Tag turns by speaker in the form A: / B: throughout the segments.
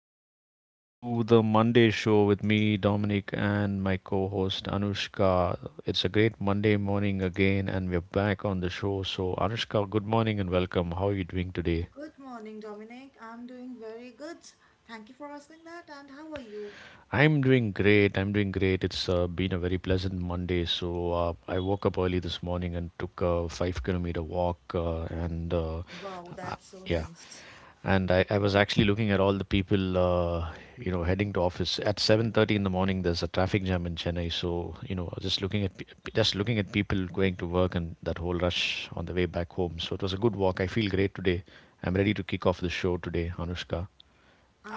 A: and welcome to the Monday show with me, Dominic, and my co host Anushka. It's a great Monday morning again, and we're back on the show. So, Anushka, good morning and welcome. How are you doing today?
B: Good morning, Dominic. I'm doing very good. Thank you for asking that. And how are you?
A: I'm doing great. I'm doing great. It's been a very pleasant Monday. So, I woke up early this morning and took a 5 kilometer walk, and
B: Wow,
A: uh,
B: that's so
A: yeah.
B: nice.
A: And I was actually looking at all the people you know, heading to office at 7:30 in the morning. There's a traffic jam in Chennai, so you know, just looking at just looking at people going to work and that whole rush on the way back home. So it was a good walk. I feel great today. I'm ready to kick off the show today, Anushka.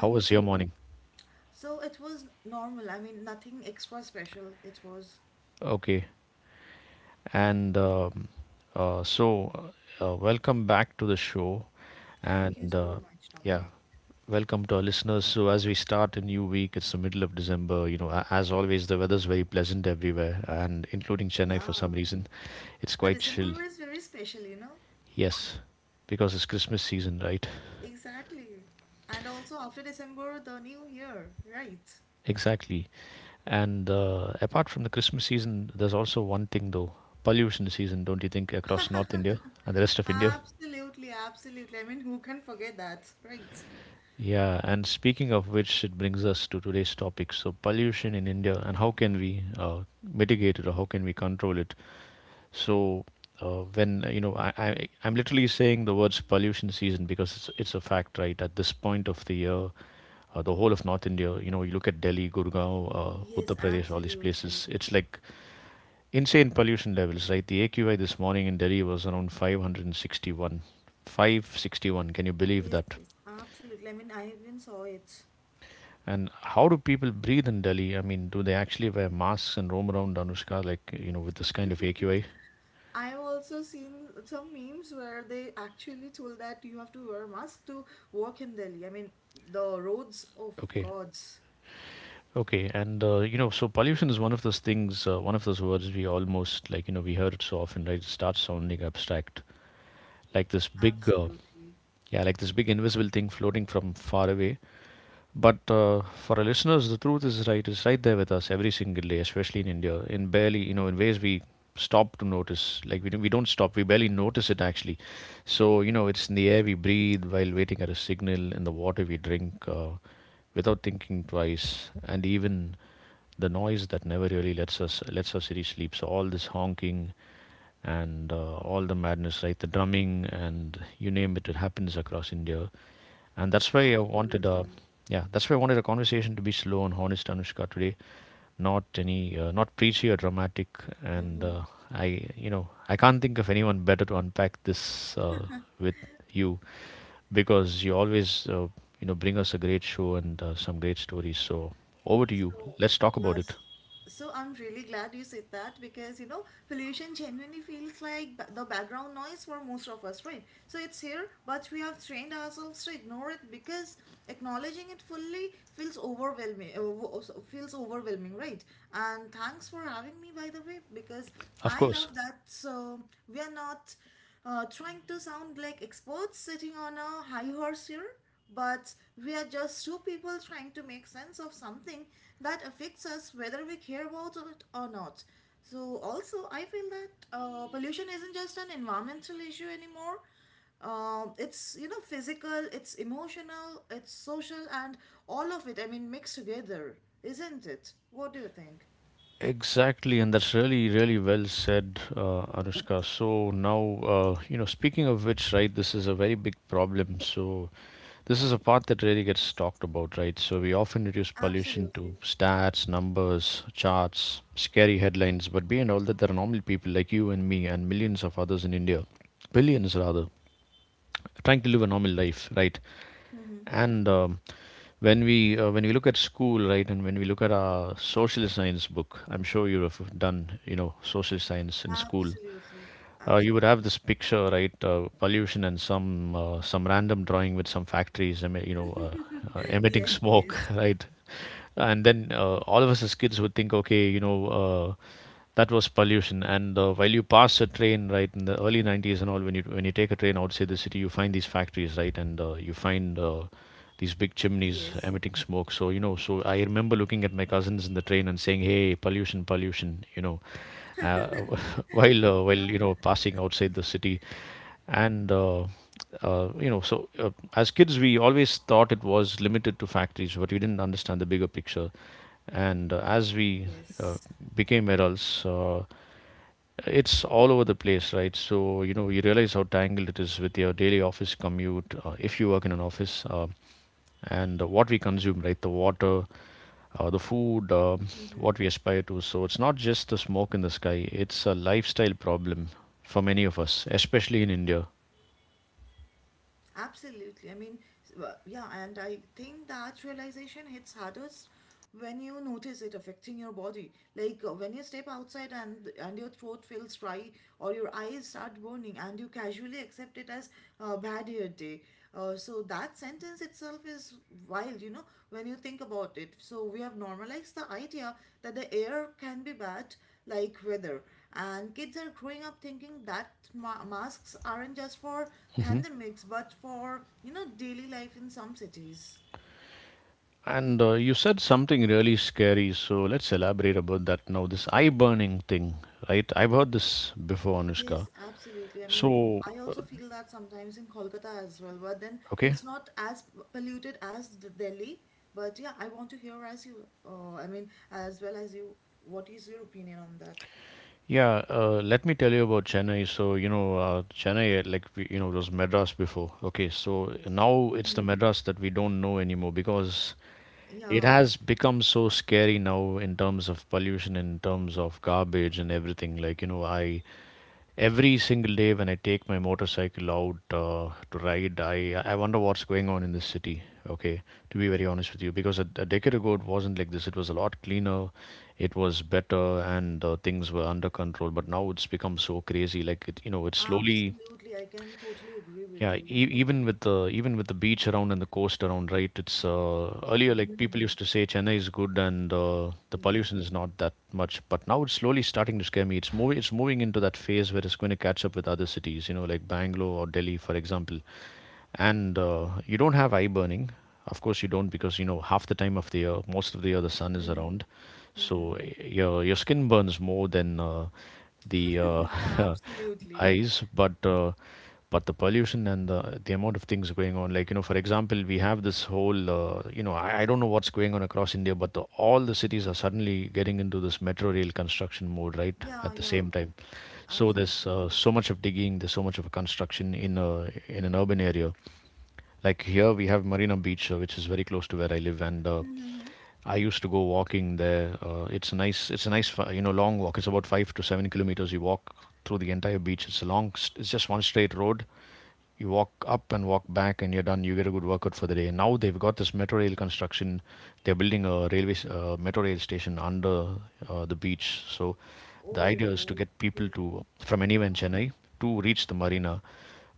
A: How was your
B: too.
A: morning?
B: So it was normal. I mean, nothing extra special. It was.
A: Okay. and so Welcome back to the show.
B: Thank you
A: And
B: so much,
A: yeah.
B: Dominic.
A: Welcome to our listeners. So, as we start a new week, it's the middle of December. You know, as always, the weather's very pleasant everywhere, and including Chennai for
B: Yeah.
A: some reason. It's
B: So
A: quite chill.
B: December is very special, you know?
A: Yes, because it's Christmas season, right?
B: Exactly. And also after December, the new year, right?
A: Exactly. And apart from the Christmas season, there's also one thing though, pollution season, don't you think, across North India and the rest of India?
B: Absolutely, absolutely. I mean, who can forget that, right?
A: Yeah, and speaking of which, it brings us to today's topic. So, pollution in India, and how can we mitigate it or how can we control it? So when you know, I'm literally saying the words pollution season because it's a fact, right? At this point of the year, the whole of North India, you know, you look at Delhi, Gurgaon, Uttar
B: Yes,
A: Pradesh, all these
B: absolutely.
A: places, it's like insane pollution levels, right? The AQI this morning in Delhi was around 561. 561. Can you believe
B: Yes,
A: that?
B: yes, absolutely. I mean, I even saw it.
A: And how do people breathe in Delhi? I mean, do they actually wear masks and roam around, Anushka, like you know, with this kind of AQI?
B: I've also seen some memes where they actually told that you have to wear a mask to walk in Delhi. I mean, the roads of
A: Okay.
B: gods.
A: Okay, and you know, so pollution is one of those things, one of those words we almost like, you know, we hear it so often, right? It starts sounding abstract, like this big,
B: Absolutely,
A: yeah, like this big invisible thing floating from far away. But for our listeners, the truth is, right, it's right there with us every single day, especially in India, in barely, you know, in ways we stop to notice. Like we don't stop, we barely notice it actually. So, you know, it's in the air we breathe while waiting at a signal, in the water we drink without thinking twice, and even the noise that never really lets us really sleep. So all this honking and all the madness, right? The drumming and you name it, it happens across India, and that's why
B: absolutely.
A: yeah, that's why I wanted a conversation to be slow and honest, Anushka, today. Not any, not preachy or dramatic. And
B: Mm-hmm.
A: I, you know, I can't think of anyone better to unpack this with you, because you always, you know, bring us a great show and some great stories. So over to you.
B: So,
A: Let's talk about it.
B: yes. So I'm really glad you said that because you know pollution genuinely feels like the background noise for most of us, right? So it's here, but we have trained ourselves to ignore it because acknowledging it fully feels overwhelming. Feels overwhelming, right? And thanks for having me, by the way, because
A: Of
B: I
A: course.
B: love that. So we are not trying to sound like experts sitting on a high horse here. But we are just two people trying to make sense of something that affects us whether we care about it or not. So, also, I feel that pollution isn't just an environmental issue anymore. It's you know physical, it's emotional, it's social, and all of it. I mean, mixed together, isn't it? What do you think?
A: Exactly, and that's really, really well said, Anushka. So now, you know, speaking of which, right, this is a very big problem. So this is a part that really gets talked about, right? So we often reduce pollution to
B: Absolutely.
A: stats, numbers, charts, scary headlines, but beyond all that, there are normal people like you and me and millions of others in India, billions rather, trying to live a normal life, right?
B: Mm-hmm.
A: And when we look at school, right, and when we look at our social science book, I'm sure you have done, you know, social science in school.
B: Absolutely.
A: You would have
B: Absolutely.
A: this picture, right? Pollution and some random drawing with some factories, you know, emitting
B: Yes.
A: smoke,
B: Yes.
A: right? And then all of us as kids would think, okay, you know, that was pollution. And while you pass a train, right, in the early 90s and all, when you take a train outside the city, you find these factories, right, and you find these big chimneys
B: Yes.
A: emitting smoke. So you know, so I remember looking at my cousins in the train and saying, "Hey, pollution, pollution," you know, uh, while
B: Yeah.
A: you know, passing outside the city, and you know, so as kids we always thought it was limited to factories, but we didn't understand the bigger picture. And as we uh,
B: Yes.
A: became adults, it's all over the place, right? So you know, you realize how tangled it is with your daily office commute, if you work in an office, and what we consume, right? The water, the food,
B: Mm-hmm.
A: what we aspire to. So it's not just the smoke in the sky, it's a lifestyle problem for many of us, especially in India.
B: Absolutely. I mean, yeah, and I think that realization hits hardest when you notice it affecting your body. Like when you step outside and your throat feels dry or your eyes start burning and you casually accept it as a bad hair day. So that sentence itself is wild, you know, when you think about it. So we have normalized the idea that the air can be bad, like weather. And kids are growing up thinking that masks aren't just for
A: Hmm.
B: pandemics, but for, you know, daily life in some cities.
A: And you said something really scary, so let's elaborate about that now. This eye burning thing, right? I've heard this before, Anushka.
B: Yes, absolutely. I mean,
A: So,
B: I also feel that sometimes in Kolkata as well, but then
A: okay.
B: it's not as polluted as Delhi. But yeah, I want to hear as you, I mean, as well as you, what is your opinion on that?
A: Yeah, let me tell you about Chennai. So, you know, Chennai, like, we, you know, it was Madras before. Okay, so now it's the
B: Mm-hmm.
A: Madras that we don't know anymore, because it
B: Yeah,
A: has become so scary now in terms of pollution, in terms of garbage and everything. Like, you know, I, every single day when I take my motorcycle out to ride, I wonder what's going on in this city. Okay, to be very honest with you, because a decade ago it wasn't like this. It was a lot cleaner, it was better, and things were under control. But now it's become so crazy. Like it, you know, it's slowly,
B: absolutely. I can totally agree with
A: yeah,
B: you, you know.
A: even with the, even with the beach around and the coast around, right? It's earlier like people
B: Hmm.
A: used to say Chennai is good and the
B: Yes.
A: pollution is not that much, but now it's slowly starting to scare me. It's moving into that phase where it's going to catch up with other cities, you know, like Bangalore or Delhi, for example. And you don't have eye burning. Of course you don't, because you know, half the time of the year, most of the year, the sun is
B: Mm-hmm.
A: around, so your skin burns more than the
B: Yeah, absolutely.
A: eyes, but the pollution and the amount of things going on, like you know, for example, we have this whole you know, I don't know what's going on across India, but all the cities are suddenly getting into this metro rail construction mode, right,
B: Yeah,
A: at the
B: yeah,
A: same time. So there's
B: absolutely.
A: so much of digging, there's so much of a construction in in an urban area. Like here we have Marina Beach, which is very close to where I live, and
B: Mm-hmm.
A: I used to go walking there. It's a nice, you know, long walk. It's about 5 to 7 kilometers. You walk through the entire beach. It's a long, it's just one straight road, you walk up and walk back and you're done. You get a good workout for the day. Now they've got this metro rail construction, they're building a metro rail station under the beach. So the
B: Oh,
A: idea is to
B: oh,
A: get
B: yeah,
A: people to, from anywhere in Chennai, to reach the Marina.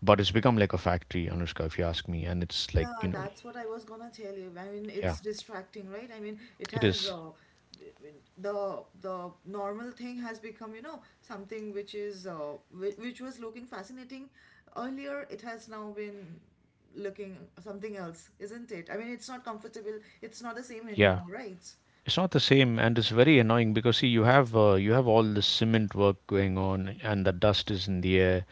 A: But it's become like a factory, Anushka, if you ask me, and it's like
B: yeah,
A: you know,
B: that's what I was gonna tell you. I mean,
A: yeah,
B: it's distracting, right? I mean, it
A: it
B: has,
A: is.
B: I mean, the normal thing has become, you know, something which is which was looking fascinating earlier. It has now been looking something else, isn't it? I mean, it's not comfortable. It's not the same
A: Yeah,
B: anymore, right?
A: it's not the same, and it's very annoying, because see you have all this cement work going on and the dust is in the air,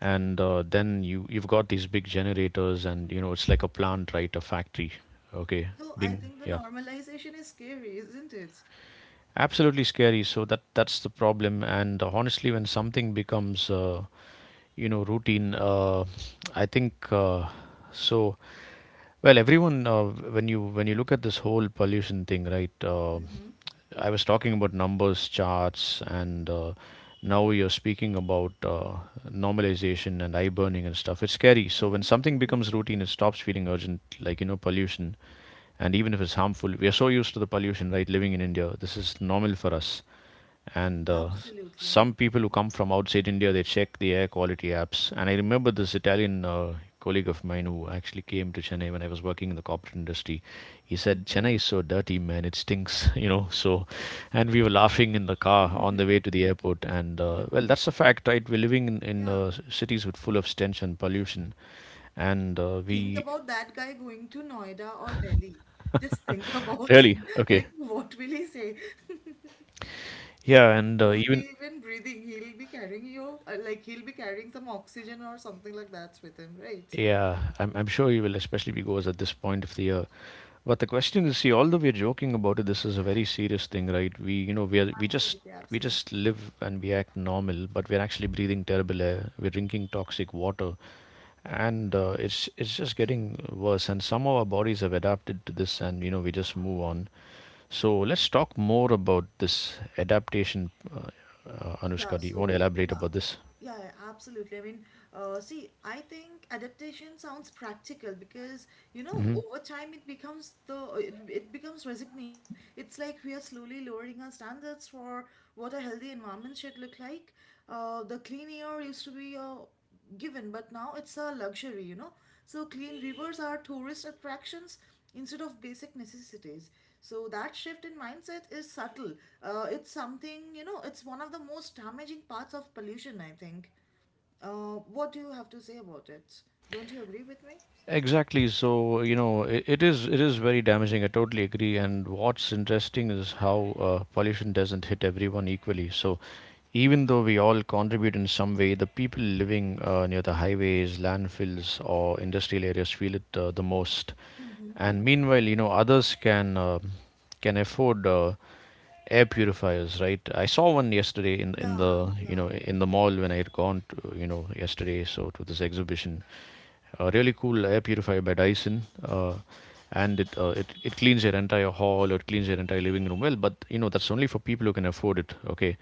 A: and then you've got these big generators and you know, it's like a plant, right, a factory. Okay,
B: So I
A: being,
B: think the
A: yeah,
B: normalization is scary, isn't it?
A: absolutely scary. So that, that's the problem. And honestly, when something becomes you know, routine, I think so well, everyone, when you look at this whole pollution thing, right? I was talking about numbers, charts, and now you're speaking about normalization and eye burning and stuff. It's scary. So when something becomes routine, it stops feeling urgent, like you know, pollution. And even if it's harmful, we are so used to the pollution, right? Living in India, this is normal for us. And
B: Absolutely.
A: some people who come from outside India, they check the air quality apps. And I remember this Italian colleague of mine who actually came to Chennai when I was working in the corporate industry. He said Chennai is so dirty, man. It stinks, So, and we were laughing in the car on the way to the airport. And well, that's a fact, right? We're living in, in
B: Yeah.
A: uh, s- cities with full of stench and pollution, and
B: Think
A: we
B: about that guy going to Noida or Delhi. Just think about
A: really
B: him.
A: okay.
B: Like, what will he say?
A: Yeah,
B: He
A: and
B: won't be
A: even
B: even breathing. He'll be carrying you, like, he'll be carrying some oxygen or something like that with him, right?
A: yeah, I'm sure you will, especially because at this point of the year. But the question is, see, although we're joking about it, this is a very serious thing, right? We, you know, we are,
B: Absolutely,
A: we just
B: absolutely.
A: live and we act normal, but we're actually breathing terrible air. We're drinking toxic water, and it's just getting worse. And somehow our bodies have adapted to this, and you know, we just move on. So let's talk more about this adaptation,
B: Yeah,
A: Anushka. Do you want
B: so
A: to elaborate
B: yeah,
A: about this?
B: yeah, yeah, absolutely. I mean, see, I think adaptation sounds practical because, you know, over time it becomes it becomes resignation. It's like we are slowly lowering our standards for what a healthy environment should look like. The clean air used to be a given, but now it's a luxury, you know. So clean rivers are tourist attractions instead of basic necessities. So that shift in mindset is subtle. It's something, you know, it's one of the most damaging parts of pollution, I think. What do you have to say about it? Don't you agree with me?
A: Exactly. So, you know, it is very damaging. I totally agree. And what's interesting is how pollution doesn't hit everyone equally. So, even though we all contribute in some way, the people living near the highways, landfills, or industrial areas feel it the most.
B: Mm-hmm.
A: And meanwhile, you know, others can afford. Air purifiers, right? I saw one yesterday in the,
B: Yeah,
A: you
B: yeah,
A: know, in the mall when I had gone to, you know, yesterday, so to this exhibition. A really cool air purifier by Dyson, and it cleans your entire hall, or it cleans your entire living room well. But you know, that's only for people who can afford it. Okay.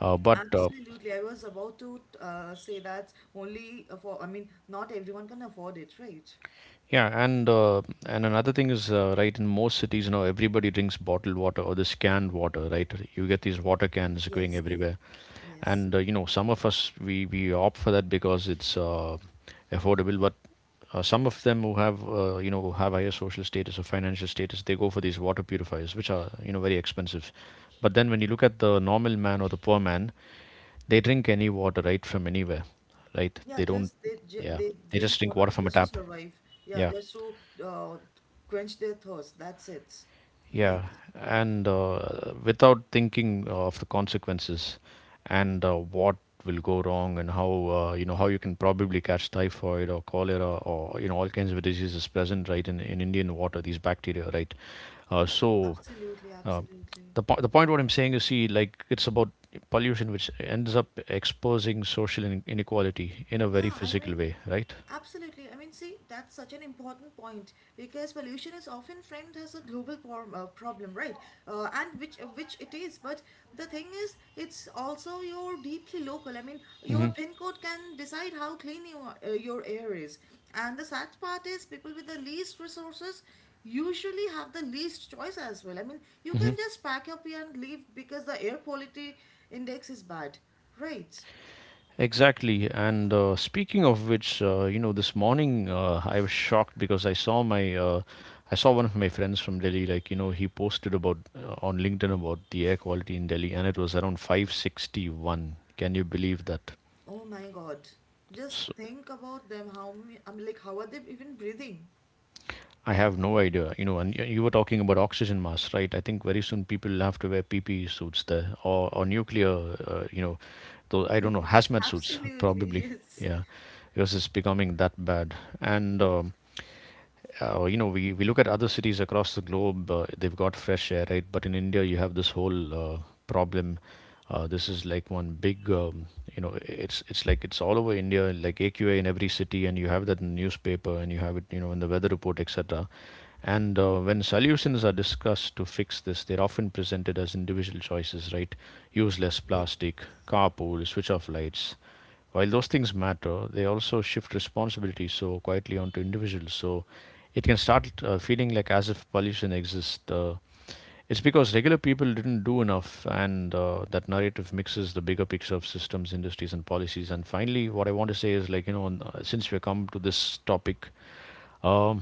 A: but
B: absolutely. I was about to say that only for, I mean, not everyone can afford it, right?
A: Yeah, and and another thing is, right, in most cities now everybody drinks bottled water or this canned water, right? You get these water cans going
B: Yes,
A: everywhere,
B: yes.
A: and you know, some of us, we opt for that because it's affordable. But some of them who have, you know, who have higher social status or financial status, they go for these water purifiers, which are, you know, very expensive. But then when you look at the normal man or the poor man, they drink any water, right, from anywhere, right?
B: Yeah,
A: They don't. Yeah,
B: they
A: they
B: drink
A: just drink
B: water
A: water
B: to
A: from a
B: just to
A: tap.
B: survive. Yeah,
A: Yeah.
B: just to uh, quench their thirst. That's it, right?
A: Yeah, and without thinking of the consequences and what will go wrong and how, you know, how you can probably catch typhoid or cholera, or, you know, all kinds of diseases present right in Indian water, these bacteria, right? Uh, so
B: Absolutely,
A: uh,
B: absolutely.
A: the the point what I'm saying is, see, like it's about pollution which ends up exposing social inequality in a very
B: Yeah, I
A: physical
B: mean,
A: way, right?
B: absolutely. I mean, see, that's such an important point because pollution is often framed as a global form, problem, right? And which it is, but the thing is, it's also your deeply local. I mean, your
A: Hmm.
B: pin code can decide how clean your air is. And the sad part is, people with the least resources usually have the least choice as well. I mean, you can just pack up and leave because the air quality index is bad, right?
A: Exactly. And speaking of which, you know, this morning, I was shocked because I saw I saw one of my friends from Delhi. Like, you know, he posted about, on LinkedIn, about the air quality in Delhi, and it was around 561. Can you believe that?
B: Oh my God. Just
A: So
B: think about them. How many, I'm like, how are they even breathing?
A: I have no idea. You know, and you were talking about oxygen masks, right? I think very soon people will have to wear PPE suits there, or nuclear, you know, though I don't know, hazmat suits
B: Absolutely,
A: probably.
B: yes.
A: Yeah, because it's becoming that bad. And You know, we look at other cities across the globe, they've got fresh air, right? But in India, you have this whole problem. This is like one big, you know, it's like it's all over India, like AQA in every city, and you have that in the newspaper, and you have it, you know, in the weather report, etc. And when solutions are discussed to fix this, they're often presented as individual choices, right? Use less plastic, carpool, switch off lights. While those things matter, they also shift responsibility so quietly onto individuals. So it can start feeling like as if pollution exists. It's because regular people didn't do enough, and that narrative mixes the bigger picture of systems, industries, and policies. And finally, what I want to say is like, you know, since we come to this topic, um,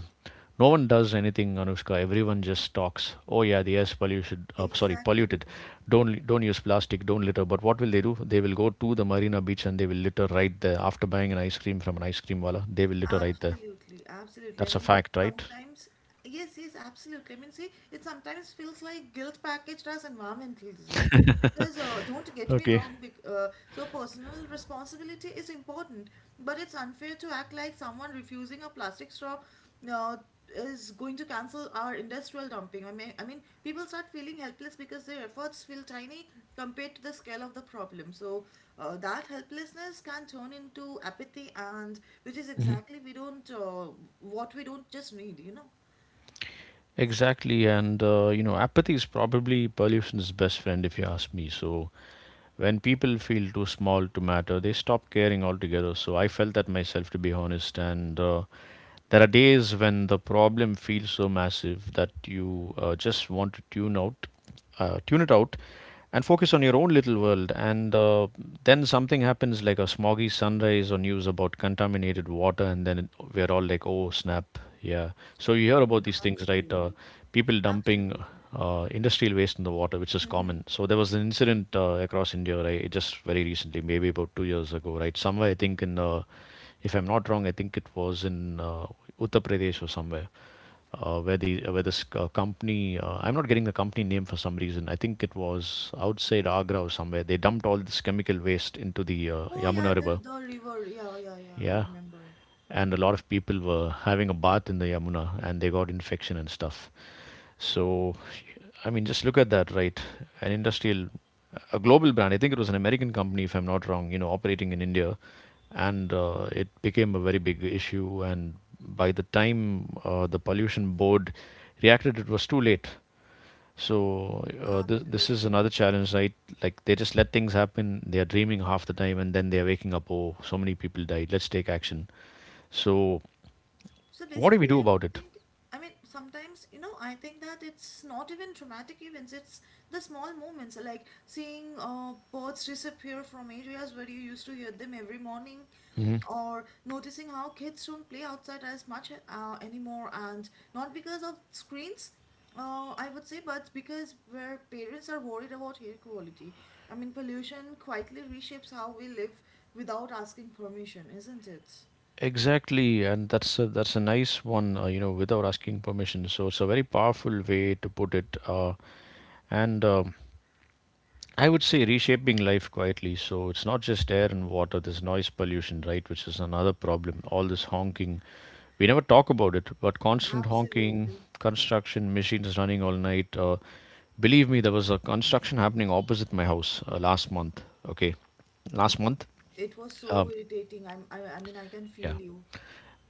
A: no one does anything, Anushka. Everyone just talks. Oh yeah, the air's polluted. Sorry,
B: Exactly.
A: polluted. Don't use plastic. Don't litter. But what will they do? They will go to the Marina Beach and they will litter right there. After buying an ice cream from an ice cream wala, they will litter right there.
B: Absolutely. Absolutely. I
A: That's a
B: mean,
A: fact, right?
B: sometimes, yes, yes, absolutely. I mean, see, it sometimes feels like guilt packaged as environmentalism. Because don't get me
A: Okay.
B: wrong, so personal responsibility is important, but it's unfair to act like someone refusing a plastic straw uh, is going to cancel our industrial dumping. I mean, people start feeling helpless because their efforts feel tiny compared to the scale of the problem. So that helplessness can turn into apathy, and which is exactly we don't what we don't just need, you know.
A: Exactly, and you know, apathy is probably pollution's best friend if you ask me. So, when people feel too small to matter, they stop caring altogether. So, I felt that myself, to be honest, and there are days when the problem feels so massive that you just want to tune out, tune it out, and focus on your own little world. And then something happens, like a smoggy sunrise or news about contaminated water, and then it, we're all like, oh snap, yeah. So you hear
B: Yes,
A: about these things, right?
B: absolutely,
A: People dumping
B: absolutely.
A: industrial waste in the water, which is
B: Mm-hmm.
A: common. So there was an incident across India, right? Just very recently, maybe about 2 years ago, right? Somewhere, I think in, if I'm not wrong, I think it was in Uttar Pradesh or somewhere, where the where this company, I'm not getting the company name for some reason. I think it was outside Agra or somewhere. They dumped all this chemical waste into the
B: Oh yeah,
A: Yamuna
B: the
A: River,
B: river. Yeah, yeah, yeah. I
A: yeah.
B: remember.
A: And a lot of people were having a bath in the Yamuna and they got infection and stuff. So, I mean, just look at that, right? An industrial, a global brand. I think it was an American company, if I'm not wrong, you know, operating in India. And it became a very big issue. And by the time the pollution board reacted, it was too late. So this is
B: Absolutely.
A: another challenge, right? Like they just let things happen. They are dreaming half the time, and then they are waking up. Oh, so many people died. Let's take action. So
B: So
A: what do we
B: basically,
A: do
B: I
A: about it?
B: think, I mean, sometimes, you know, I think that it's not even traumatic events, it's the small moments like seeing birds disappear from areas where you used to hear them every morning,
A: Hmm.
B: or noticing how kids don't play outside as much anymore, and not because of screens. I would say, but because where parents are worried about air quality, I mean, pollution quietly reshapes how we live without asking permission, isn't it?
A: Exactly, and that's a nice one. You know, without asking permission. So it's a very powerful way to put it. And I would say reshaping life quietly. So it's not just air and water, there's noise pollution, right? Which is another problem. All this honking. We never talk about it, but constant honking,
B: Absolutely.
A: construction, machines running all night. Believe me, there was a construction happening opposite my house last month. Okay. Last month?
B: It was so
A: Um,
B: irritating. I mean, I can feel
A: yeah.
B: you.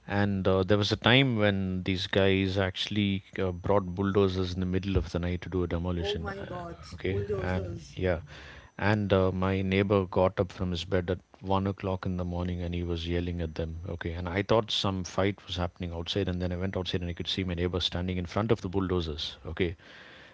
A: And there was a time when these guys actually brought bulldozers in the middle of the night to do a
B: Oh
A: demolition.
B: my God,
A: Okay, and
B: bulldozers.
A: yeah, and my neighbor got up from his bed at 1 o'clock in the morning and he was yelling at them. Okay, and I thought some fight was happening outside, and then I went outside and I could see my neighbor standing in front of the bulldozers. Okay,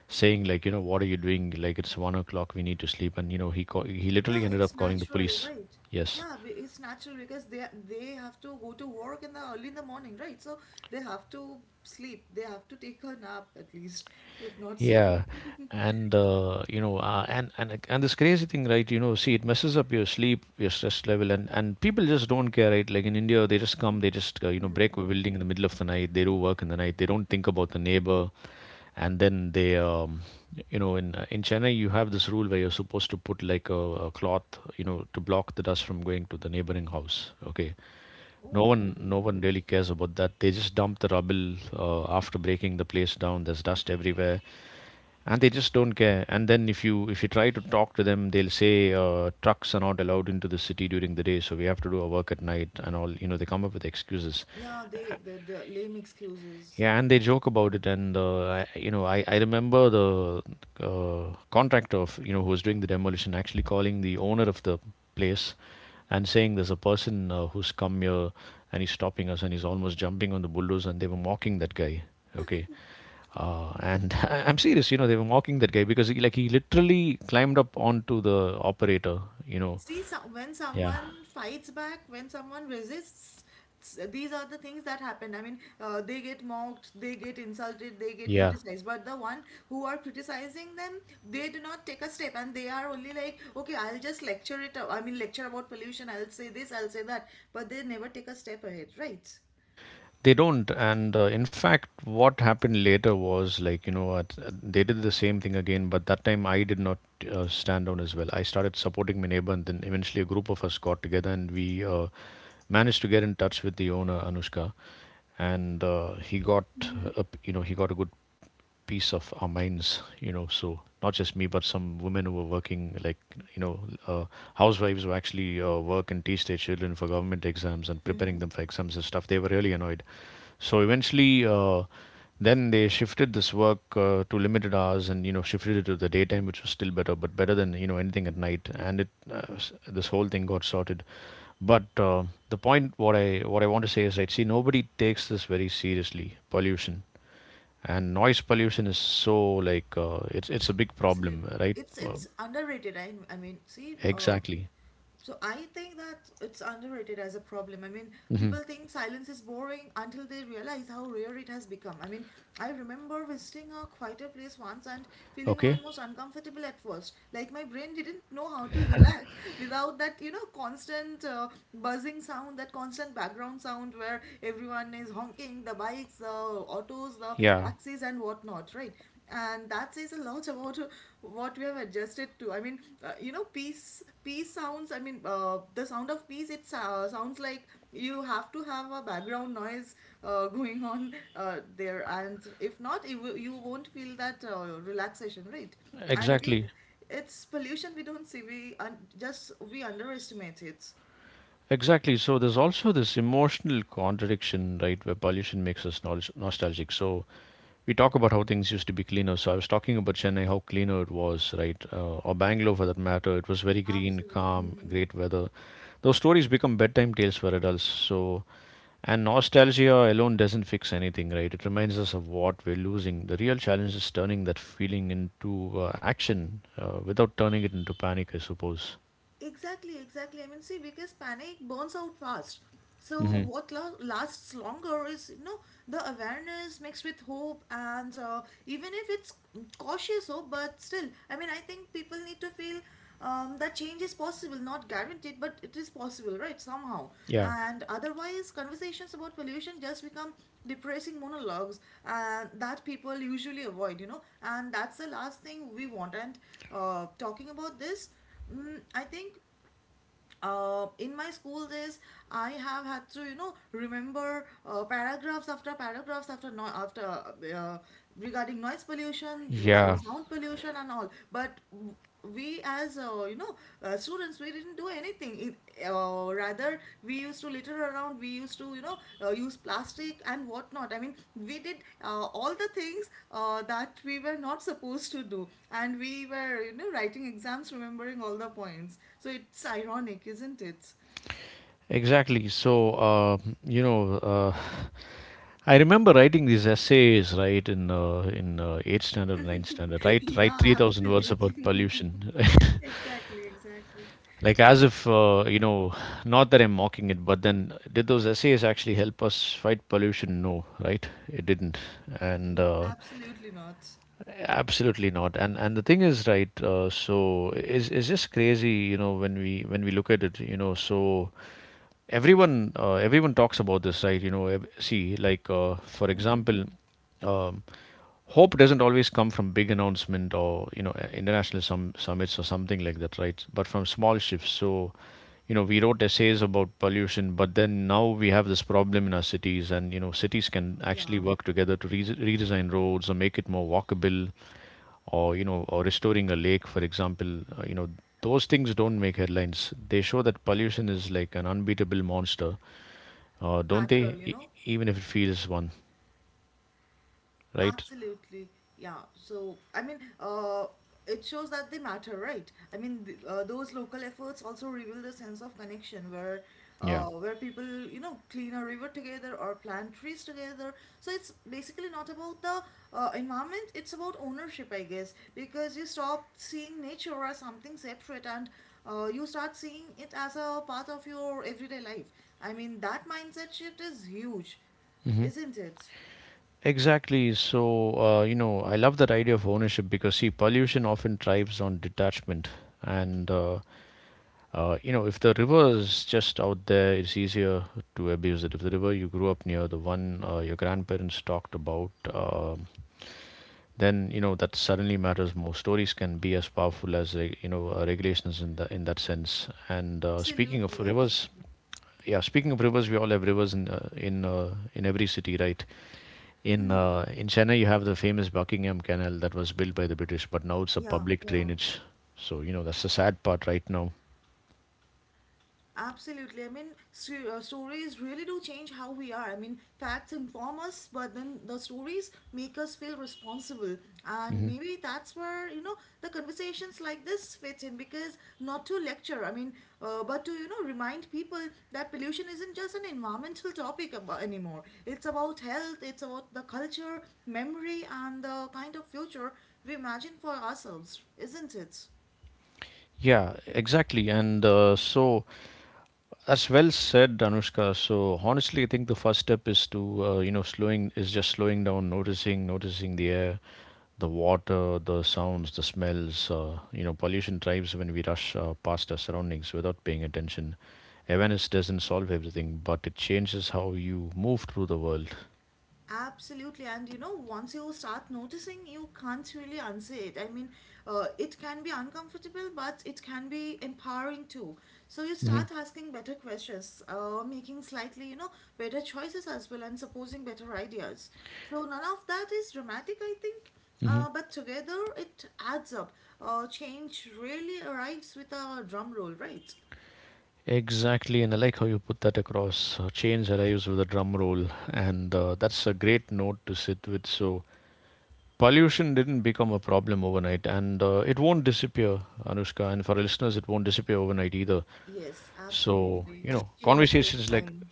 A: saying like, you know, what are you doing? Like it's 1 o'clock, we need to sleep, and you know, he
B: Yeah,
A: literally ended
B: it's
A: up calling the
B: natural,
A: police.
B: right?
A: Yes.
B: Yeah, it's natural because they have to go to work in the early in the morning, right? So they have to sleep. They have to take a nap at least, if not sleep.
A: Yeah, and you know, and this crazy thing, right? You know, see, it messes up your sleep, your stress level, and people just don't care, right? Like in India, they just come, they just you know, break a
B: Hmm.
A: building in the middle of the night. They do work in the night. They don't think about the neighbor, and then they, you know, in Chennai, you have this rule where you're supposed to put like a cloth, you know, to block the dust from going to the neighboring house. Okay, no
B: Oh,
A: one no
B: okay.
A: one really cares about that. They just dump the rubble after breaking the place down. There's dust everywhere, and they just don't care. And then if you try to talk to them, they'll say trucks are not allowed into the city during the day, so we have to do our work at night and all, you know, they come up with excuses.
B: Yeah, they the lame excuses.
A: Yeah, and they joke about it. And I remember the contractor of, you know, who was doing the demolition actually calling the owner of the place and saying there's a person who's come here and he's stopping us, and he's almost jumping on the bulldozer, and they were mocking that guy. Okay. And am serious, you know, they were mocking that guy because he, like, he literally climbed up onto the operator, you know.
B: See, some when
A: Yeah,
B: someone fights back, when someone resists, s- these are the things that happen. I mean, they get mocked, they get insulted, they get
A: yeah.
B: criticized. But the one who are criticizing them, they do not take a step, and they are only like, okay, I'll just lecture it. I mean, lecture about pollution. I'll say this, I'll say that, but they never take a step ahead, right?
A: They don't, and in fact, what happened later was, like, you know, they did the same thing again, but that time I did not stand down as well. I started supporting my neighbor, and then eventually a group of us got together and we managed to get in touch with the owner, Anushka, and he got
B: Mm-hmm.
A: a, you know, he got a good piece of our minds, you know. So not just me, but some women who were working, like, you know, uh, housewives, who actually work and teach their children for government exams and preparing
B: Mm-hmm.
A: them for exams and stuff, they were really annoyed. So eventually, then they shifted this work to limited hours, and, you know, shifted it to the daytime, which was still better, but better than, you know, anything at night. And it, this whole thing got sorted. But uh, the point, what I want to say is, right, see, nobody takes this very seriously. Pollution and noise pollution is so, like, it's a big problem,
B: Absolutely.
A: right? Uh,
B: It's underrated. I mean, see,
A: exactly.
B: so I think that it's underrated as a problem. I mean, people think silence is boring until they realize how rare it has become. I mean, I remember visiting a quieter place once and feeling
A: Okay.
B: almost uncomfortable at first. Like my brain didn't know how to relax without that, you know, constant buzzing sound, that constant background sound where everyone is honking, the bikes, the autos, the
A: Yeah,
B: taxis and whatnot, right? And that says a lot about what we have adjusted to. I mean, you know, peace sounds, I mean, the sound of peace, it sounds like you have to have a background noise going on there, and if not you won't feel that relaxation, right? And again,
A: exactly,
B: it's pollution we don't see. Just we underestimate it.
A: exactly. So there's also this emotional contradiction, right, where pollution makes us nostalgic. So we talk about how things used to be cleaner. So I was talking about Chennai, how cleaner it was, right? Uh, or Bangalore, for that matter, it was very green,
B: Absolutely.
A: calm,
B: Mhm.
A: great weather. Those stories become bedtime tales for adults. So and nostalgia alone doesn't fix anything, right? It reminds us of what we're losing. The real challenge is turning that feeling into action without turning it into panic, I suppose.
B: Exactly, exactly. I mean, see, because panic burns out fast. So
A: Hmm.
B: what lasts longer is, you know, the awareness mixed with hope, and even if it's cautious hope, but still, I mean, I think people need to feel that change is possible, not guaranteed, but it is possible, right? Somehow,
A: Yeah.
B: and otherwise, conversations about pollution just become depressing monologues, and that people usually avoid, you know, and that's the last thing we want. And talking about this. Mm, I think in my school days, I have had to, you know, remember paragraphs after paragraphs after no after regarding noise pollution, regarding
A: Yeah,
B: sound pollution and all. But we as, you know, students, we didn't do anything. It, or Rather we used to litter around. We used to, you know, use plastic and whatnot. I mean, we did all the things that we were not supposed to do, and we were, you know, writing exams, remembering all the points. So it's ironic, isn't it?
A: exactly. So, you know, uh, I remember writing these essays, right, in eighth standard, ninth standard, right, write
B: Yeah,
A: 3,000 words about
B: absolutely.
A: pollution.
B: Exactly, exactly.
A: Like, as if you know, not that I'm mocking it, but then did those essays actually help us fight pollution? No, right? It didn't. And
B: Absolutely not.
A: absolutely not. And the thing is, right? So it's just crazy, you know, when we look at it, you know. So everyone talks about this, right, you know. See, like, for
B: Hmm.
A: example, um, hope doesn't always come from big announcement or, you know, international summits or something like that, right, but from small shifts. So, you know, we wrote essays about pollution, but then now we have this problem in our cities. And, you know, cities can actually
B: Yeah,
A: work together to redesign roads or make it more walkable, or, you know, or restoring a lake, for example. You know, those things don't make headlines. They show that pollution is like an unbeatable monster,
B: the
A: don't
B: matter,
A: they,
B: you know.
A: even if it feels one, right?
B: Absolutely. Yeah. So, I mean, it shows that they matter, right? I mean, th those local efforts also reveal the sense of connection
A: Yeah.
B: where people, you know, clean a river together or plant trees together. So it's basically not about the environment, it's about ownership, I guess, because you stop seeing nature as something separate and you start seeing it as a part of your everyday life. I mean, that mindset shift is huge,
A: Hmm.
B: isn't it?
A: Exactly. So, you know, I love that idea of ownership because, see, pollution often thrives on detachment. And, you know, if the river is just out there, it's easier to abuse it. If the river you grew up near, the one your grandparents talked about, um, then, you know, that suddenly matters more. Stories can be as powerful as you know, regulations in the in that sense. And speaking of
B: Absolutely,
A: rivers,
B: absolutely.
A: yeah, speaking of rivers, we all have rivers in in every city, right?
B: Hmm.
A: In Chennai, you have the famous Buckingham Canal that was built by the British, but now it's a
B: Yeah,
A: public
B: yeah,
A: drainage. So, you know, that's the sad part right now.
B: absolutely. I mean, st stories really do change how we are. I mean, facts inform us, but then the stories make us feel responsible. And
A: Hmm.
B: maybe that's where, you know, the conversations like this fit in because not to lecture, I mean, but to, you know, remind people that pollution isn't just an environmental topic ab anymore. It's about health, it's about the culture, memory, and the kind of future we imagine for ourselves, isn't it?
A: Yeah, exactly. And so, as well said, Anushka. So honestly, I think the first step is to, you know, slowing is just slowing down, noticing, noticing the air, the water, the sounds, the smells. You know, pollution thrives when we rush past our surroundings without paying attention. Awareness doesn't solve everything, but it changes how you move through the world.
B: Absolutely, and you know, once you start noticing, you can't really unsay it. I mean, it can be uncomfortable, but it can be empowering too. So you
A: Hmm.
B: start asking better questions, making slightly, you know, better choices as well, and supposing better ideas. So none of that is dramatic, I think,
A: Hmm.
B: but together it adds up. Change really arrives with a drum roll, right?
A: Exactly, and I like how you put that across. Change arrives with a drum roll, and that's a great note to sit with. So pollution didn't become a problem overnight, and it won't disappear, Anushka, and for our listeners, it won't disappear overnight either.
B: Yes,
A: So,
B: absolutely.
A: you know,
B: Change takes
A: conversations like,
B: time.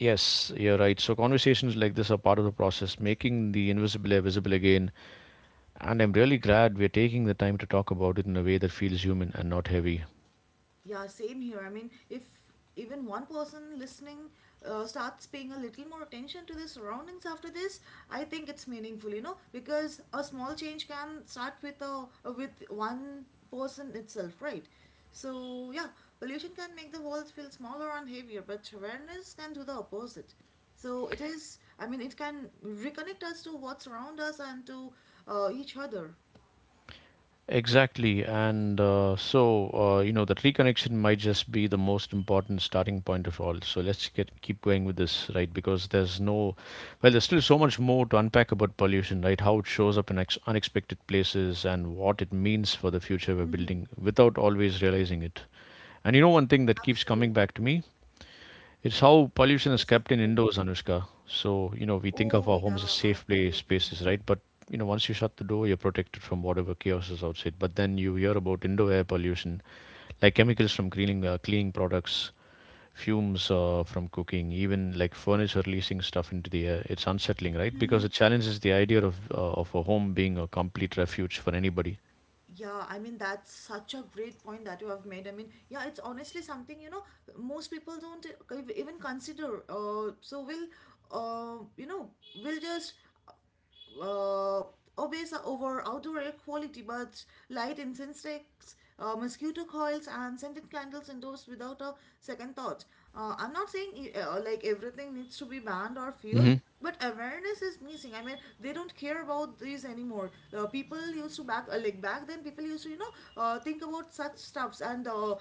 A: yes, you're right, so conversations like this are part of the process, making the invisible air visible again. And I'm really glad we're taking the time to talk about it in a way that feels human and not heavy.
B: Yeah, same here. I mean, if even one person listening starts paying a little more attention to their surroundings after this, I think it's meaningful, you know, because a small change can start with a with one person itself, right? So yeah, pollution can make the world feel smaller and heavier, but awareness can do the opposite. So it is, I mean, it can reconnect us to what's around us and to each other.
A: Exactly. And you know, that reconnection might just be the most important starting point of all. So let's get keep going with this, right? Because there's no, well, there's still so much more to unpack about pollution, right? How it shows up in unexpected places and what it means for the future we're
B: Mm-hmm.
A: building without always realizing it. And, you know, one thing that keeps coming
B: Absolutely.
A: back to me, it's how pollution is
B: Yes.
A: kept in
B: Tell me.
A: indoors, Anushka. So, you know, we think of
B: Oh,
A: our
B: yeah,
A: homes as safe play
B: absolutely.
A: spaces, right? But, you know, once you shut the door, you're protected from whatever chaos is outside. But then you hear about indoor air pollution, like chemicals from cleaning, cleaning products, fumes from cooking, even like furniture releasing stuff into the air. It's unsettling, right? Because
B: Hmm.
A: it challenges the idea of a home being a complete refuge for anybody.
B: Yeah, I mean, that's such a great point that you have made. I mean, yeah, it's honestly something, you know, most people don't even consider. So we'll, you know, we'll just uh, obeys are over outdoor air quality, but light incense sticks, mosquito coils, and scented candles indoors without a second thought. I'm not saying like everything needs to be banned or feared. But awareness is missing. I mean, they don't care about these anymore. People used to back like back then. People used to, you know, think about such stuffs and,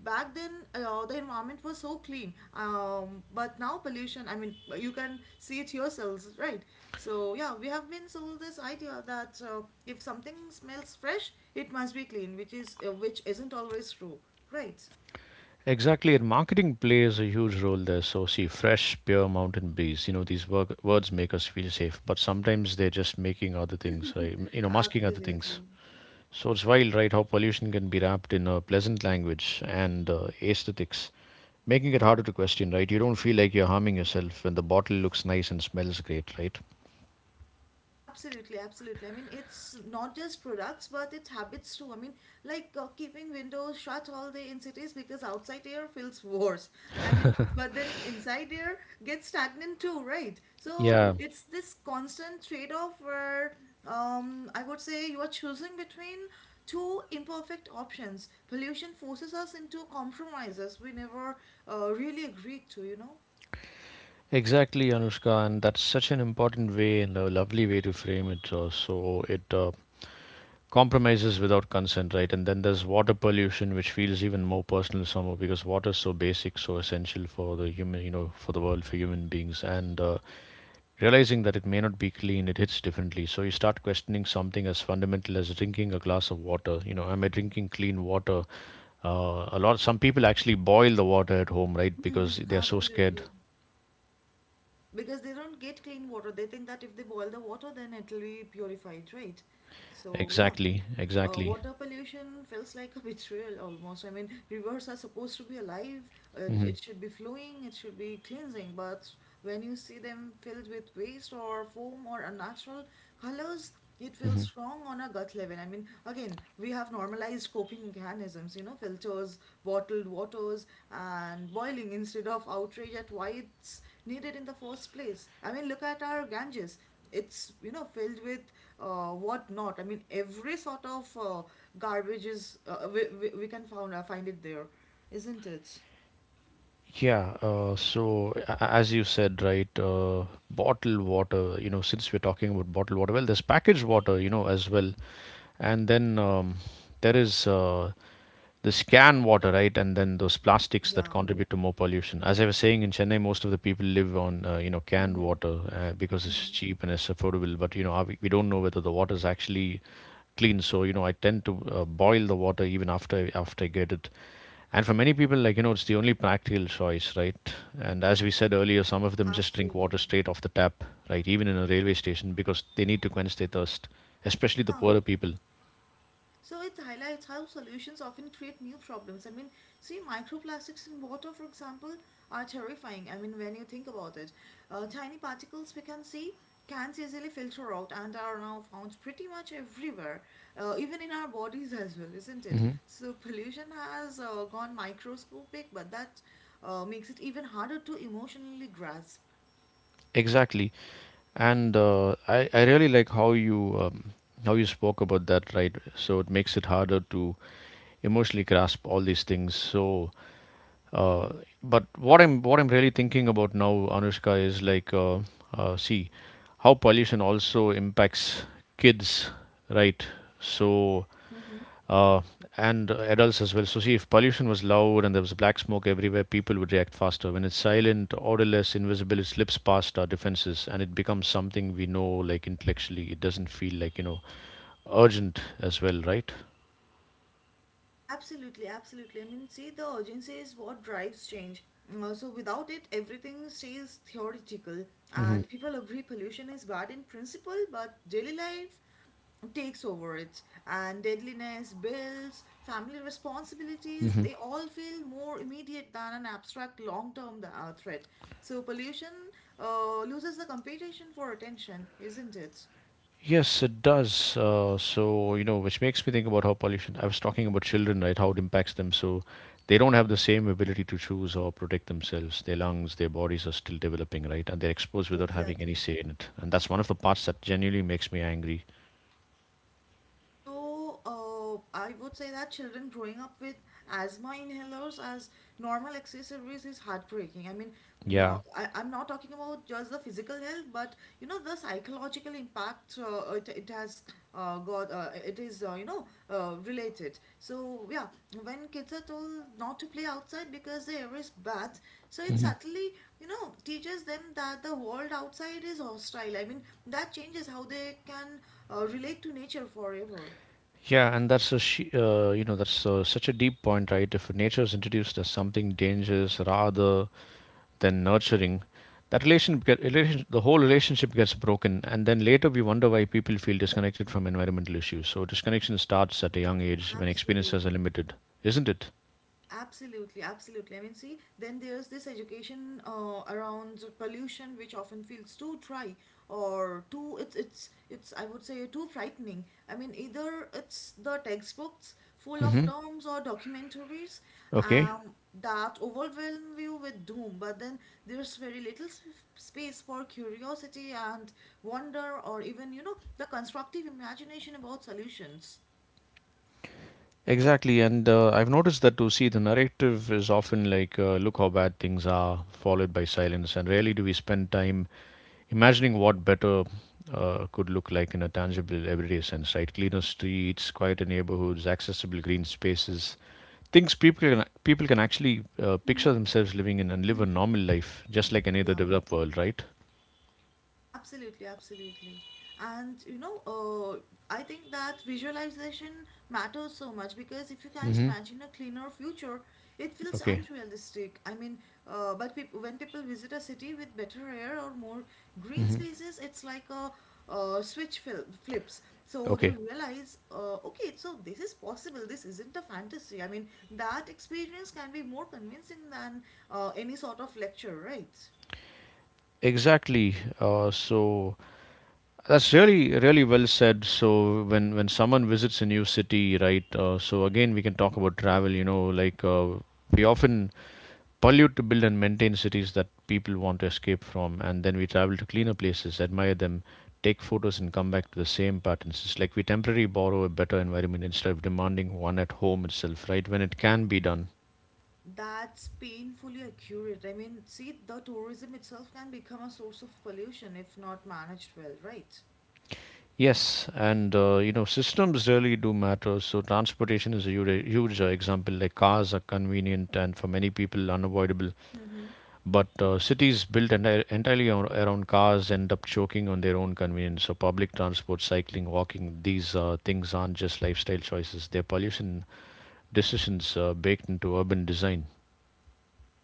B: back then the environment was so clean, but now pollution, I mean, you can see it yourselves, right? So yeah, we have been sold this idea that if something smells fresh it must be clean, which is which isn't always true, right?
A: Exactly, and marketing plays a huge role there. So, see, fresh, pure mountain breeze. You know, these words make us feel safe, but sometimes they're just making other things, right? You know, masking other things.
B: Absolutely.
A: So it's wild, right, how pollution can be wrapped in a pleasant language and aesthetics, making it harder to question, right? You don't feel like you're harming yourself when the bottle looks nice and smells great, right?
B: Absolutely, absolutely. I mean, it's not just products, but it's habits too. I mean, like keeping windows shut all day in cities because outside air feels worse. I mean, but then inside air gets stagnant too, right? So
A: Yeah,
B: it's this constant trade-off where I would say you are choosing between two imperfect options. Pollution forces us into compromises we never really agreed to, you know?
A: exactly, Anushka, and that's such an important way and a lovely way to frame it. So it compromises without consent, right? And then there's water pollution, which feels even more personal somehow because water is so basic, so essential for the human, you know, for the world, for human beings. And realizing that it may not be clean, it hits differently. So you start questioning something as fundamental as drinking a glass of water. You know, am I drinking clean water? A lot. Some people actually boil the water at home, right? Because
B: Hmm.
A: they are so scared.
B: Absolutely. Because they don't get clean water. They think that if they boil the water, then it'll be purified, right? So, yeah.
A: Exactly. Exactly.
B: Water pollution feels like a betrayal almost. I mean, rivers are supposed to be alive.
A: Hmm.
B: It should be flowing. It should be cleansing. But when you see them filled with waste or foam or unnatural colors, it feels
A: Hmm.
B: strong on a gut level. I mean, again, we have normalized coping mechanisms, you know, filters, bottled waters, and boiling instead of outrage at why it's needed in the first place. I mean, look at our Ganges. It's, you know, filled with what not. I mean, every sort of garbage is, we can found, find it there, isn't it?
A: Yeah, so as you said, right, bottled water, you know, since we're talking about bottled water, well, there's packaged water, you know, as well. And then, there is this can water, right? And then those plastics that
B: Yeah.
A: contribute to more pollution. As I was saying, in Chennai, most of the people live on, you know, canned
B: Hmm.
A: water because it's
B: Hmm.
A: cheap and it's affordable. But, you know, we don't know whether the water is actually clean. So, you know, I tend to boil the water even after after I get it. And for many people, like, you know, it's the only practical choice, right? And as we said earlier, some of them just drink water
B: Absolutely.
A: straight off the tap, right? Even in a railway station because they need to quench their thirst, especially the
B: Yeah,
A: poorer people.
B: so it highlights how solutions often create new problems. I mean, see, microplastics in water, for example, are terrifying. I mean, when you think about it, tiny particles we can see can easily filter out and are now found pretty much everywhere, even in our bodies as well, isn't it? So pollution has gone microscopic, but that makes it even harder to emotionally grasp.
A: Exactly. And I really like how you, how you spoke about that, right? So it makes it harder to emotionally grasp all these things. So, uh, but what I'm really thinking about now, Anushka, is like, see, how pollution also impacts kids, right? So uh, and adults as well. So, see, if pollution was loud and there was black smoke everywhere, people would react faster. When it's silent, odorless, invisible, it slips past our defenses, and it becomes something we know, like, intellectually. It doesn't feel like, you know, urgent as well, right?
B: Absolutely, absolutely. I mean, see, the urgency is what drives change. So, without it, everything stays theoretical,
A: Mm-hmm.
B: and people agree pollution is bad in principle, but daily life takes over it. And deadliness, bills, family responsibilities, they all feel more immediate than an abstract long term threat. So, pollution loses the competition for attention, isn't it?
A: Yes, it does. So, you know, which makes me think about how pollution, I was talking about children, right, how it impacts them. So they don't have the same ability to choose or protect themselves. Their lungs, their bodies are still developing, right? And they're exposed without having any
B: Exactly.
A: say in it. And that's one of the parts that genuinely makes me angry.
B: So, I would say that children growing up with asthma inhalers as normal accessories is heartbreaking. I mean,
A: Yeah.
B: no, I'm not talking about just the physical health, but you know, the psychological impact it is, you know, related. So, yeah, when kids are told not to play outside because the air is bad, so it subtly, you know, teaches them that the world outside is hostile. I mean, that changes how they can relate to nature forever.
A: Yeah, and that's a you know, that's such a deep point, right? If nature is introduced as something dangerous, rather then nurturing, that relation, relation the whole relationship gets broken, and then later we wonder why people feel disconnected from environmental issues. So disconnection starts at a young age when experiences are
B: Absolutely.
A: limited, isn't it?
B: Absolutely, absolutely. I mean, see, then there's this education around pollution, which often feels too dry or too it's I would say too frightening. I mean, either it's the textbooks full of
A: Hmm.
B: terms or documentaries
A: Okay,
B: that overwhelm you with doom, but then there's very little space for curiosity and wonder, or even you know the constructive imagination about solutions.
A: exactly. And I've noticed that too. See, the narrative is often like, look how bad things are, followed by silence. And rarely do we spend time imagining what better could look like in a tangible, everyday sense, right? Cleaner streets, quieter neighborhoods, accessible green spaces. Things people can actually picture themselves living in and live a
B: Mm.
A: normal life, just like any other
B: Yeah,
A: developed world, right?
B: absolutely, absolutely. And you know, I think that visualization matters so much because if you can't
A: Hmm.
B: imagine a cleaner future, it feels
A: Okay,
B: unrealistic. I mean, but peop when people visit a city with better air or more green
A: hmm,
B: spaces, it's like a switch fil flips. So they
A: okay,
B: realize, okay, so this is possible. This isn't a fantasy. I mean, that experience can be more convincing than any sort of lecture, right?
A: exactly. So that's really well said. So when someone visits a new city, right? So again, we can talk about travel. You know, like we often pollute to build and maintain cities that people want to escape from, and then we travel to cleaner places, admire them, take photos, and come back to the same patterns. It's like we temporarily borrow a better environment instead of demanding one at home itself, right? When it can be done.
B: That's painfully accurate. I mean, see, the tourism itself can become a source of pollution if not managed well, right?
A: Yes, and you know, systems really do matter. So, transportation is a huge, huge example. Like cars are convenient and for many people unavoidable.
B: Mm-hmm.
A: But cities built entirely around cars end up choking on their own convenience. So, public transport, cycling, walking, these things aren't just lifestyle choices, they're pollution decisions baked into urban design.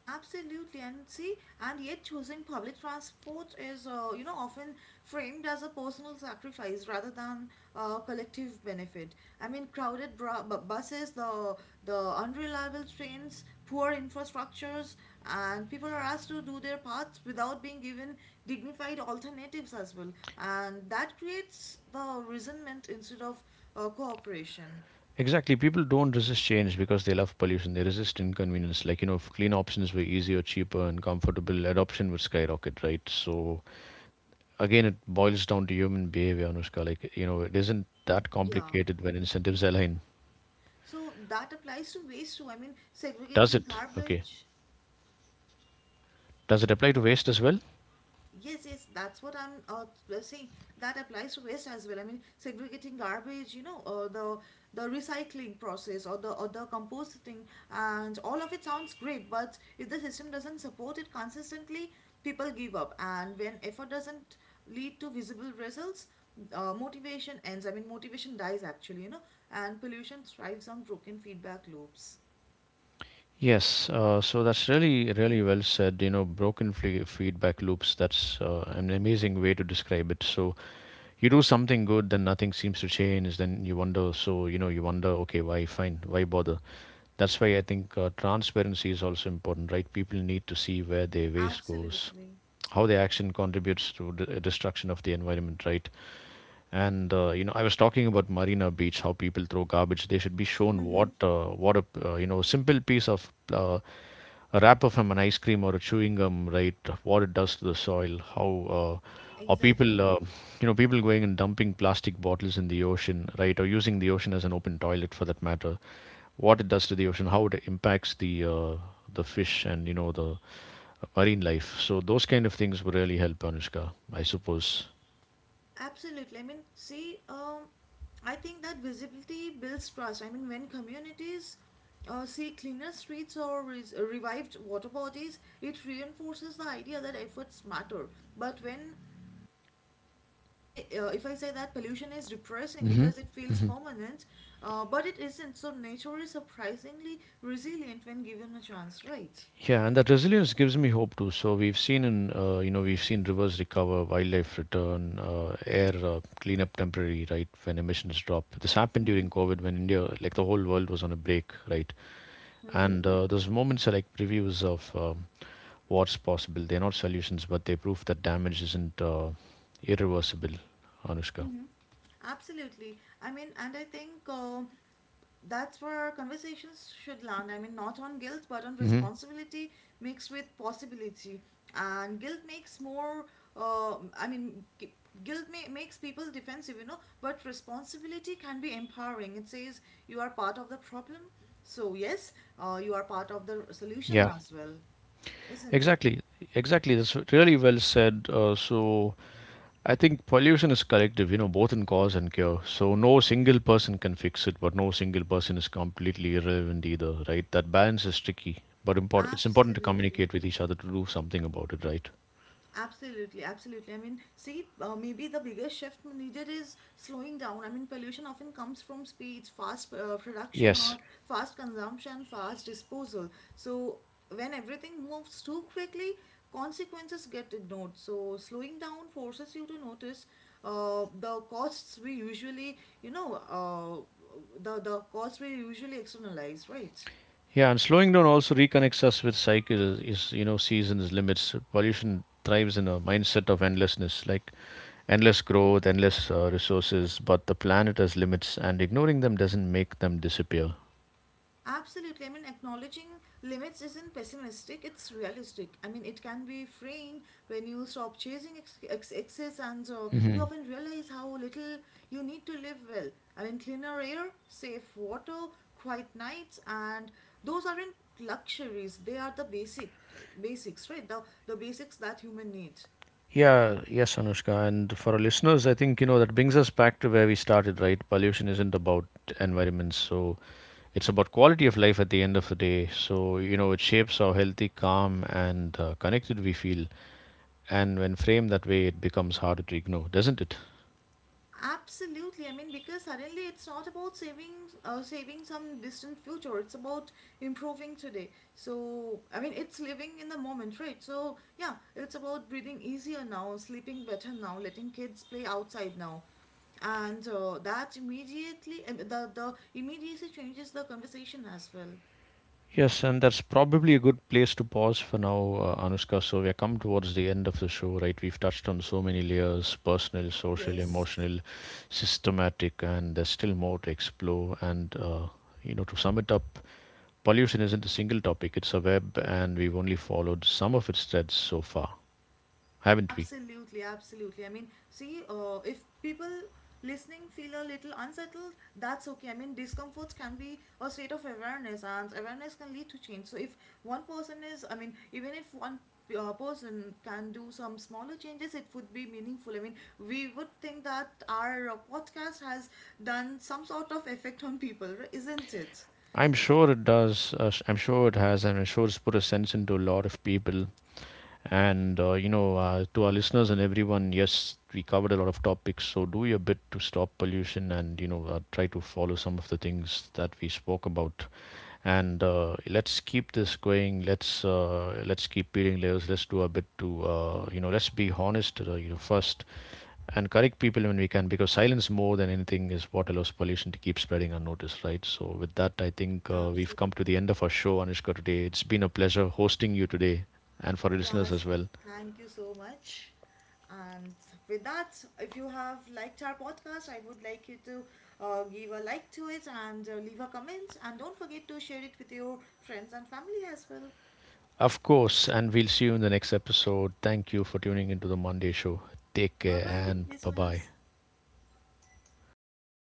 B: Absolutely, and see, and yet choosing public transport is, you know, often framed as a personal sacrifice rather than collective benefit. I mean, crowded buses, the unreliable trains, poor infrastructures, and people are asked to do their parts without being given dignified alternatives as well, and that creates the resentment instead of cooperation.
A: Exactly. People don't resist change because they love pollution. They resist inconvenience. Like, you know, if clean options were easier, cheaper, and comfortable, adoption would skyrocket, right? So, again, it boils down to human behavior, Anushka. Like, you know, it isn't that
B: Yeah.
A: complicated when incentives align.
B: So that applies to waste too. I mean,
A: Does
B: segregating
A: it? Okay.
B: garbage.
A: Does it apply to
B: Ye-
A: waste as well?
B: Yes, yes, that's what I'm saying. That applies to waste as well. I mean, segregating garbage, you know, or the recycling process or the composting, and all of it sounds great. But if the system doesn't support it consistently, people give up. And when effort doesn't lead to visible results, motivation ends. I mean, motivation dies actually, you know, and pollution thrives on broken feedback loops.
A: Yes, so that's really, really well said. You know, broken feedback loops, that's an amazing way to describe it. So you do something good, then nothing seems to change. Then you wonder, so, you know, you wonder, okay, why, fine, why bother? That's why I think transparency is also important, right? People need to see where their waste goes,
B: Absolutely.
A: how their action contributes to the destruction of the environment, right? And you know, I was talking about Marina Beach, how people throw garbage. They should be shown
B: Mm-hmm.
A: what a you know simple piece of a wrapper from an ice cream or a chewing gum, right? What it does to the soil, how are people
B: Exactly.
A: uh, you know people going and dumping plastic bottles in the ocean, right? Or using the ocean as an open toilet for that matter. What it does to the ocean, how it impacts the fish and you know the marine life. So those kind of things would really help, Anushka, I suppose.
B: Absolutely. I mean, see, I think that visibility builds trust. I mean, when communities see cleaner streets or revived water bodies, it reinforces the idea that efforts matter. But when say if I say that pollution is depressing
A: Mm-hmm.
B: because it feels permanent, but it isn't. So nature is surprisingly resilient when given a chance, right?
A: Yeah, and that resilience gives me hope too. So we've seen in you know we've seen rivers recover, wildlife return, air clean up temporary right when emissions drop. This happened
B: Hmm.
A: during COVID when India, like the whole world, was on a break, right?
B: Mm-hmm.
A: And Mhm. Those moments are like previews of what's possible. They're not solutions, but they prove that damage isn't irreversible. Anushka.
B: Absolutely. I mean, and I think that's where our conversations should land. I mean, not on guilt, but on
A: Hmm.
B: responsibility mixed with possibility. And guilt makes more, I mean, guilt makes people defensive, you know, but responsibility can be empowering. It says you are part of the problem. So, yes, you are part of the solution
A: Yeah.
B: as well, isn't it?
A: Exactly, exactly. That's really well said. So. I think pollution is collective, you know, both in cause and cure. So no single person can fix it, but no single person is completely irrelevant either, right? That balance is tricky, but important. It's important to
B: Absolutely.
A: communicate with each other to do something about it, right?
B: Absolutely, absolutely. I mean, see, maybe the biggest shift needed is slowing down. I mean, pollution often comes from speeds, fast production,
A: Yes.
B: or fast consumption, fast disposal. So, when everything moves too quickly, consequences get ignored. So, slowing down forces you to notice the costs we usually, you know, the costs we usually externalize, right?
A: Yeah, and slowing down also reconnects us with cycles, is you know, seasons, limits. Pollution thrives in a mindset of endlessness, like endless growth, endless resources, but the planet has limits, and ignoring them doesn't make them disappear.
B: Absolutely. I mean, acknowledging limits isn't pessimistic, it's realistic. I mean, it can be freeing when you stop chasing excess and so you
A: Hmm.
B: often realize how little you need to live well. I mean, cleaner air, safe water, quiet nights, and those aren't luxuries, they are the basics, right? The basics that human needs.
A: Yeah, yes, Anushka. And for our listeners, I think, you know, that brings us back to where we started, right? Pollution isn't about environments. So it's about quality of life at the end of the day. So, you know, it shapes how healthy, calm, and connected we feel. And when framed that way, it becomes harder to ignore, doesn't it?
B: Absolutely. I mean, because suddenly it's not about saving some distant future. It's about improving today. So, I mean, it's living in the moment, right? So, yeah, it's about breathing easier now, sleeping better now, letting kids play outside now. And that immediately, the immediacy changes the conversation as well.
A: Yes, and that's probably a good place to pause for now, Anushka. So we are come towards the end of the show, right? We've touched on so many layers: personal, social,
B: Yes.
A: emotional, systematic, and there's still more to explore. And you know, to sum it up, pollution isn't a single topic; it's a web, and we've only followed some of its threads so far, haven't we?
B: Absolutely, absolutely. I mean, see, if people listening feel a little unsettled, that's okay. I mean, discomforts can be a state of awareness, and awareness can lead to change. So, if one person is, I mean, even if one person can do some smaller changes, it would be meaningful. I mean, we would think that our podcast has done some sort of effect on people, right? Isn't it?
A: I'm sure it does. I'm sure it has, and I'm sure it's put a sense into a lot of people. And to our listeners and everyone, yes, we covered a lot of topics. So do your bit to stop pollution, and you know, try to follow some of the things that we spoke about. And let's keep this going. Let's keep peeling layers. Let's do a bit to you know, let's be honest you know, first and correct people when we can, because silence more than anything is what allows pollution to keep spreading unnoticed, right? So with that, I think we've come to the end of our show, Anushka. Today, it's been a pleasure hosting you today, and for our listeners
B: Yes,
A: as well.
B: thank you so much. And with that, if you have liked our podcast, I would like you to give a like to it and leave a comment. And don't forget to share it with your friends and family as well.
A: Of course, and we'll see you in the next episode. Thank you for tuning into the Monday show. Take
B: Bye
A: care
B: bye,
A: and bye bye.
B: listeners.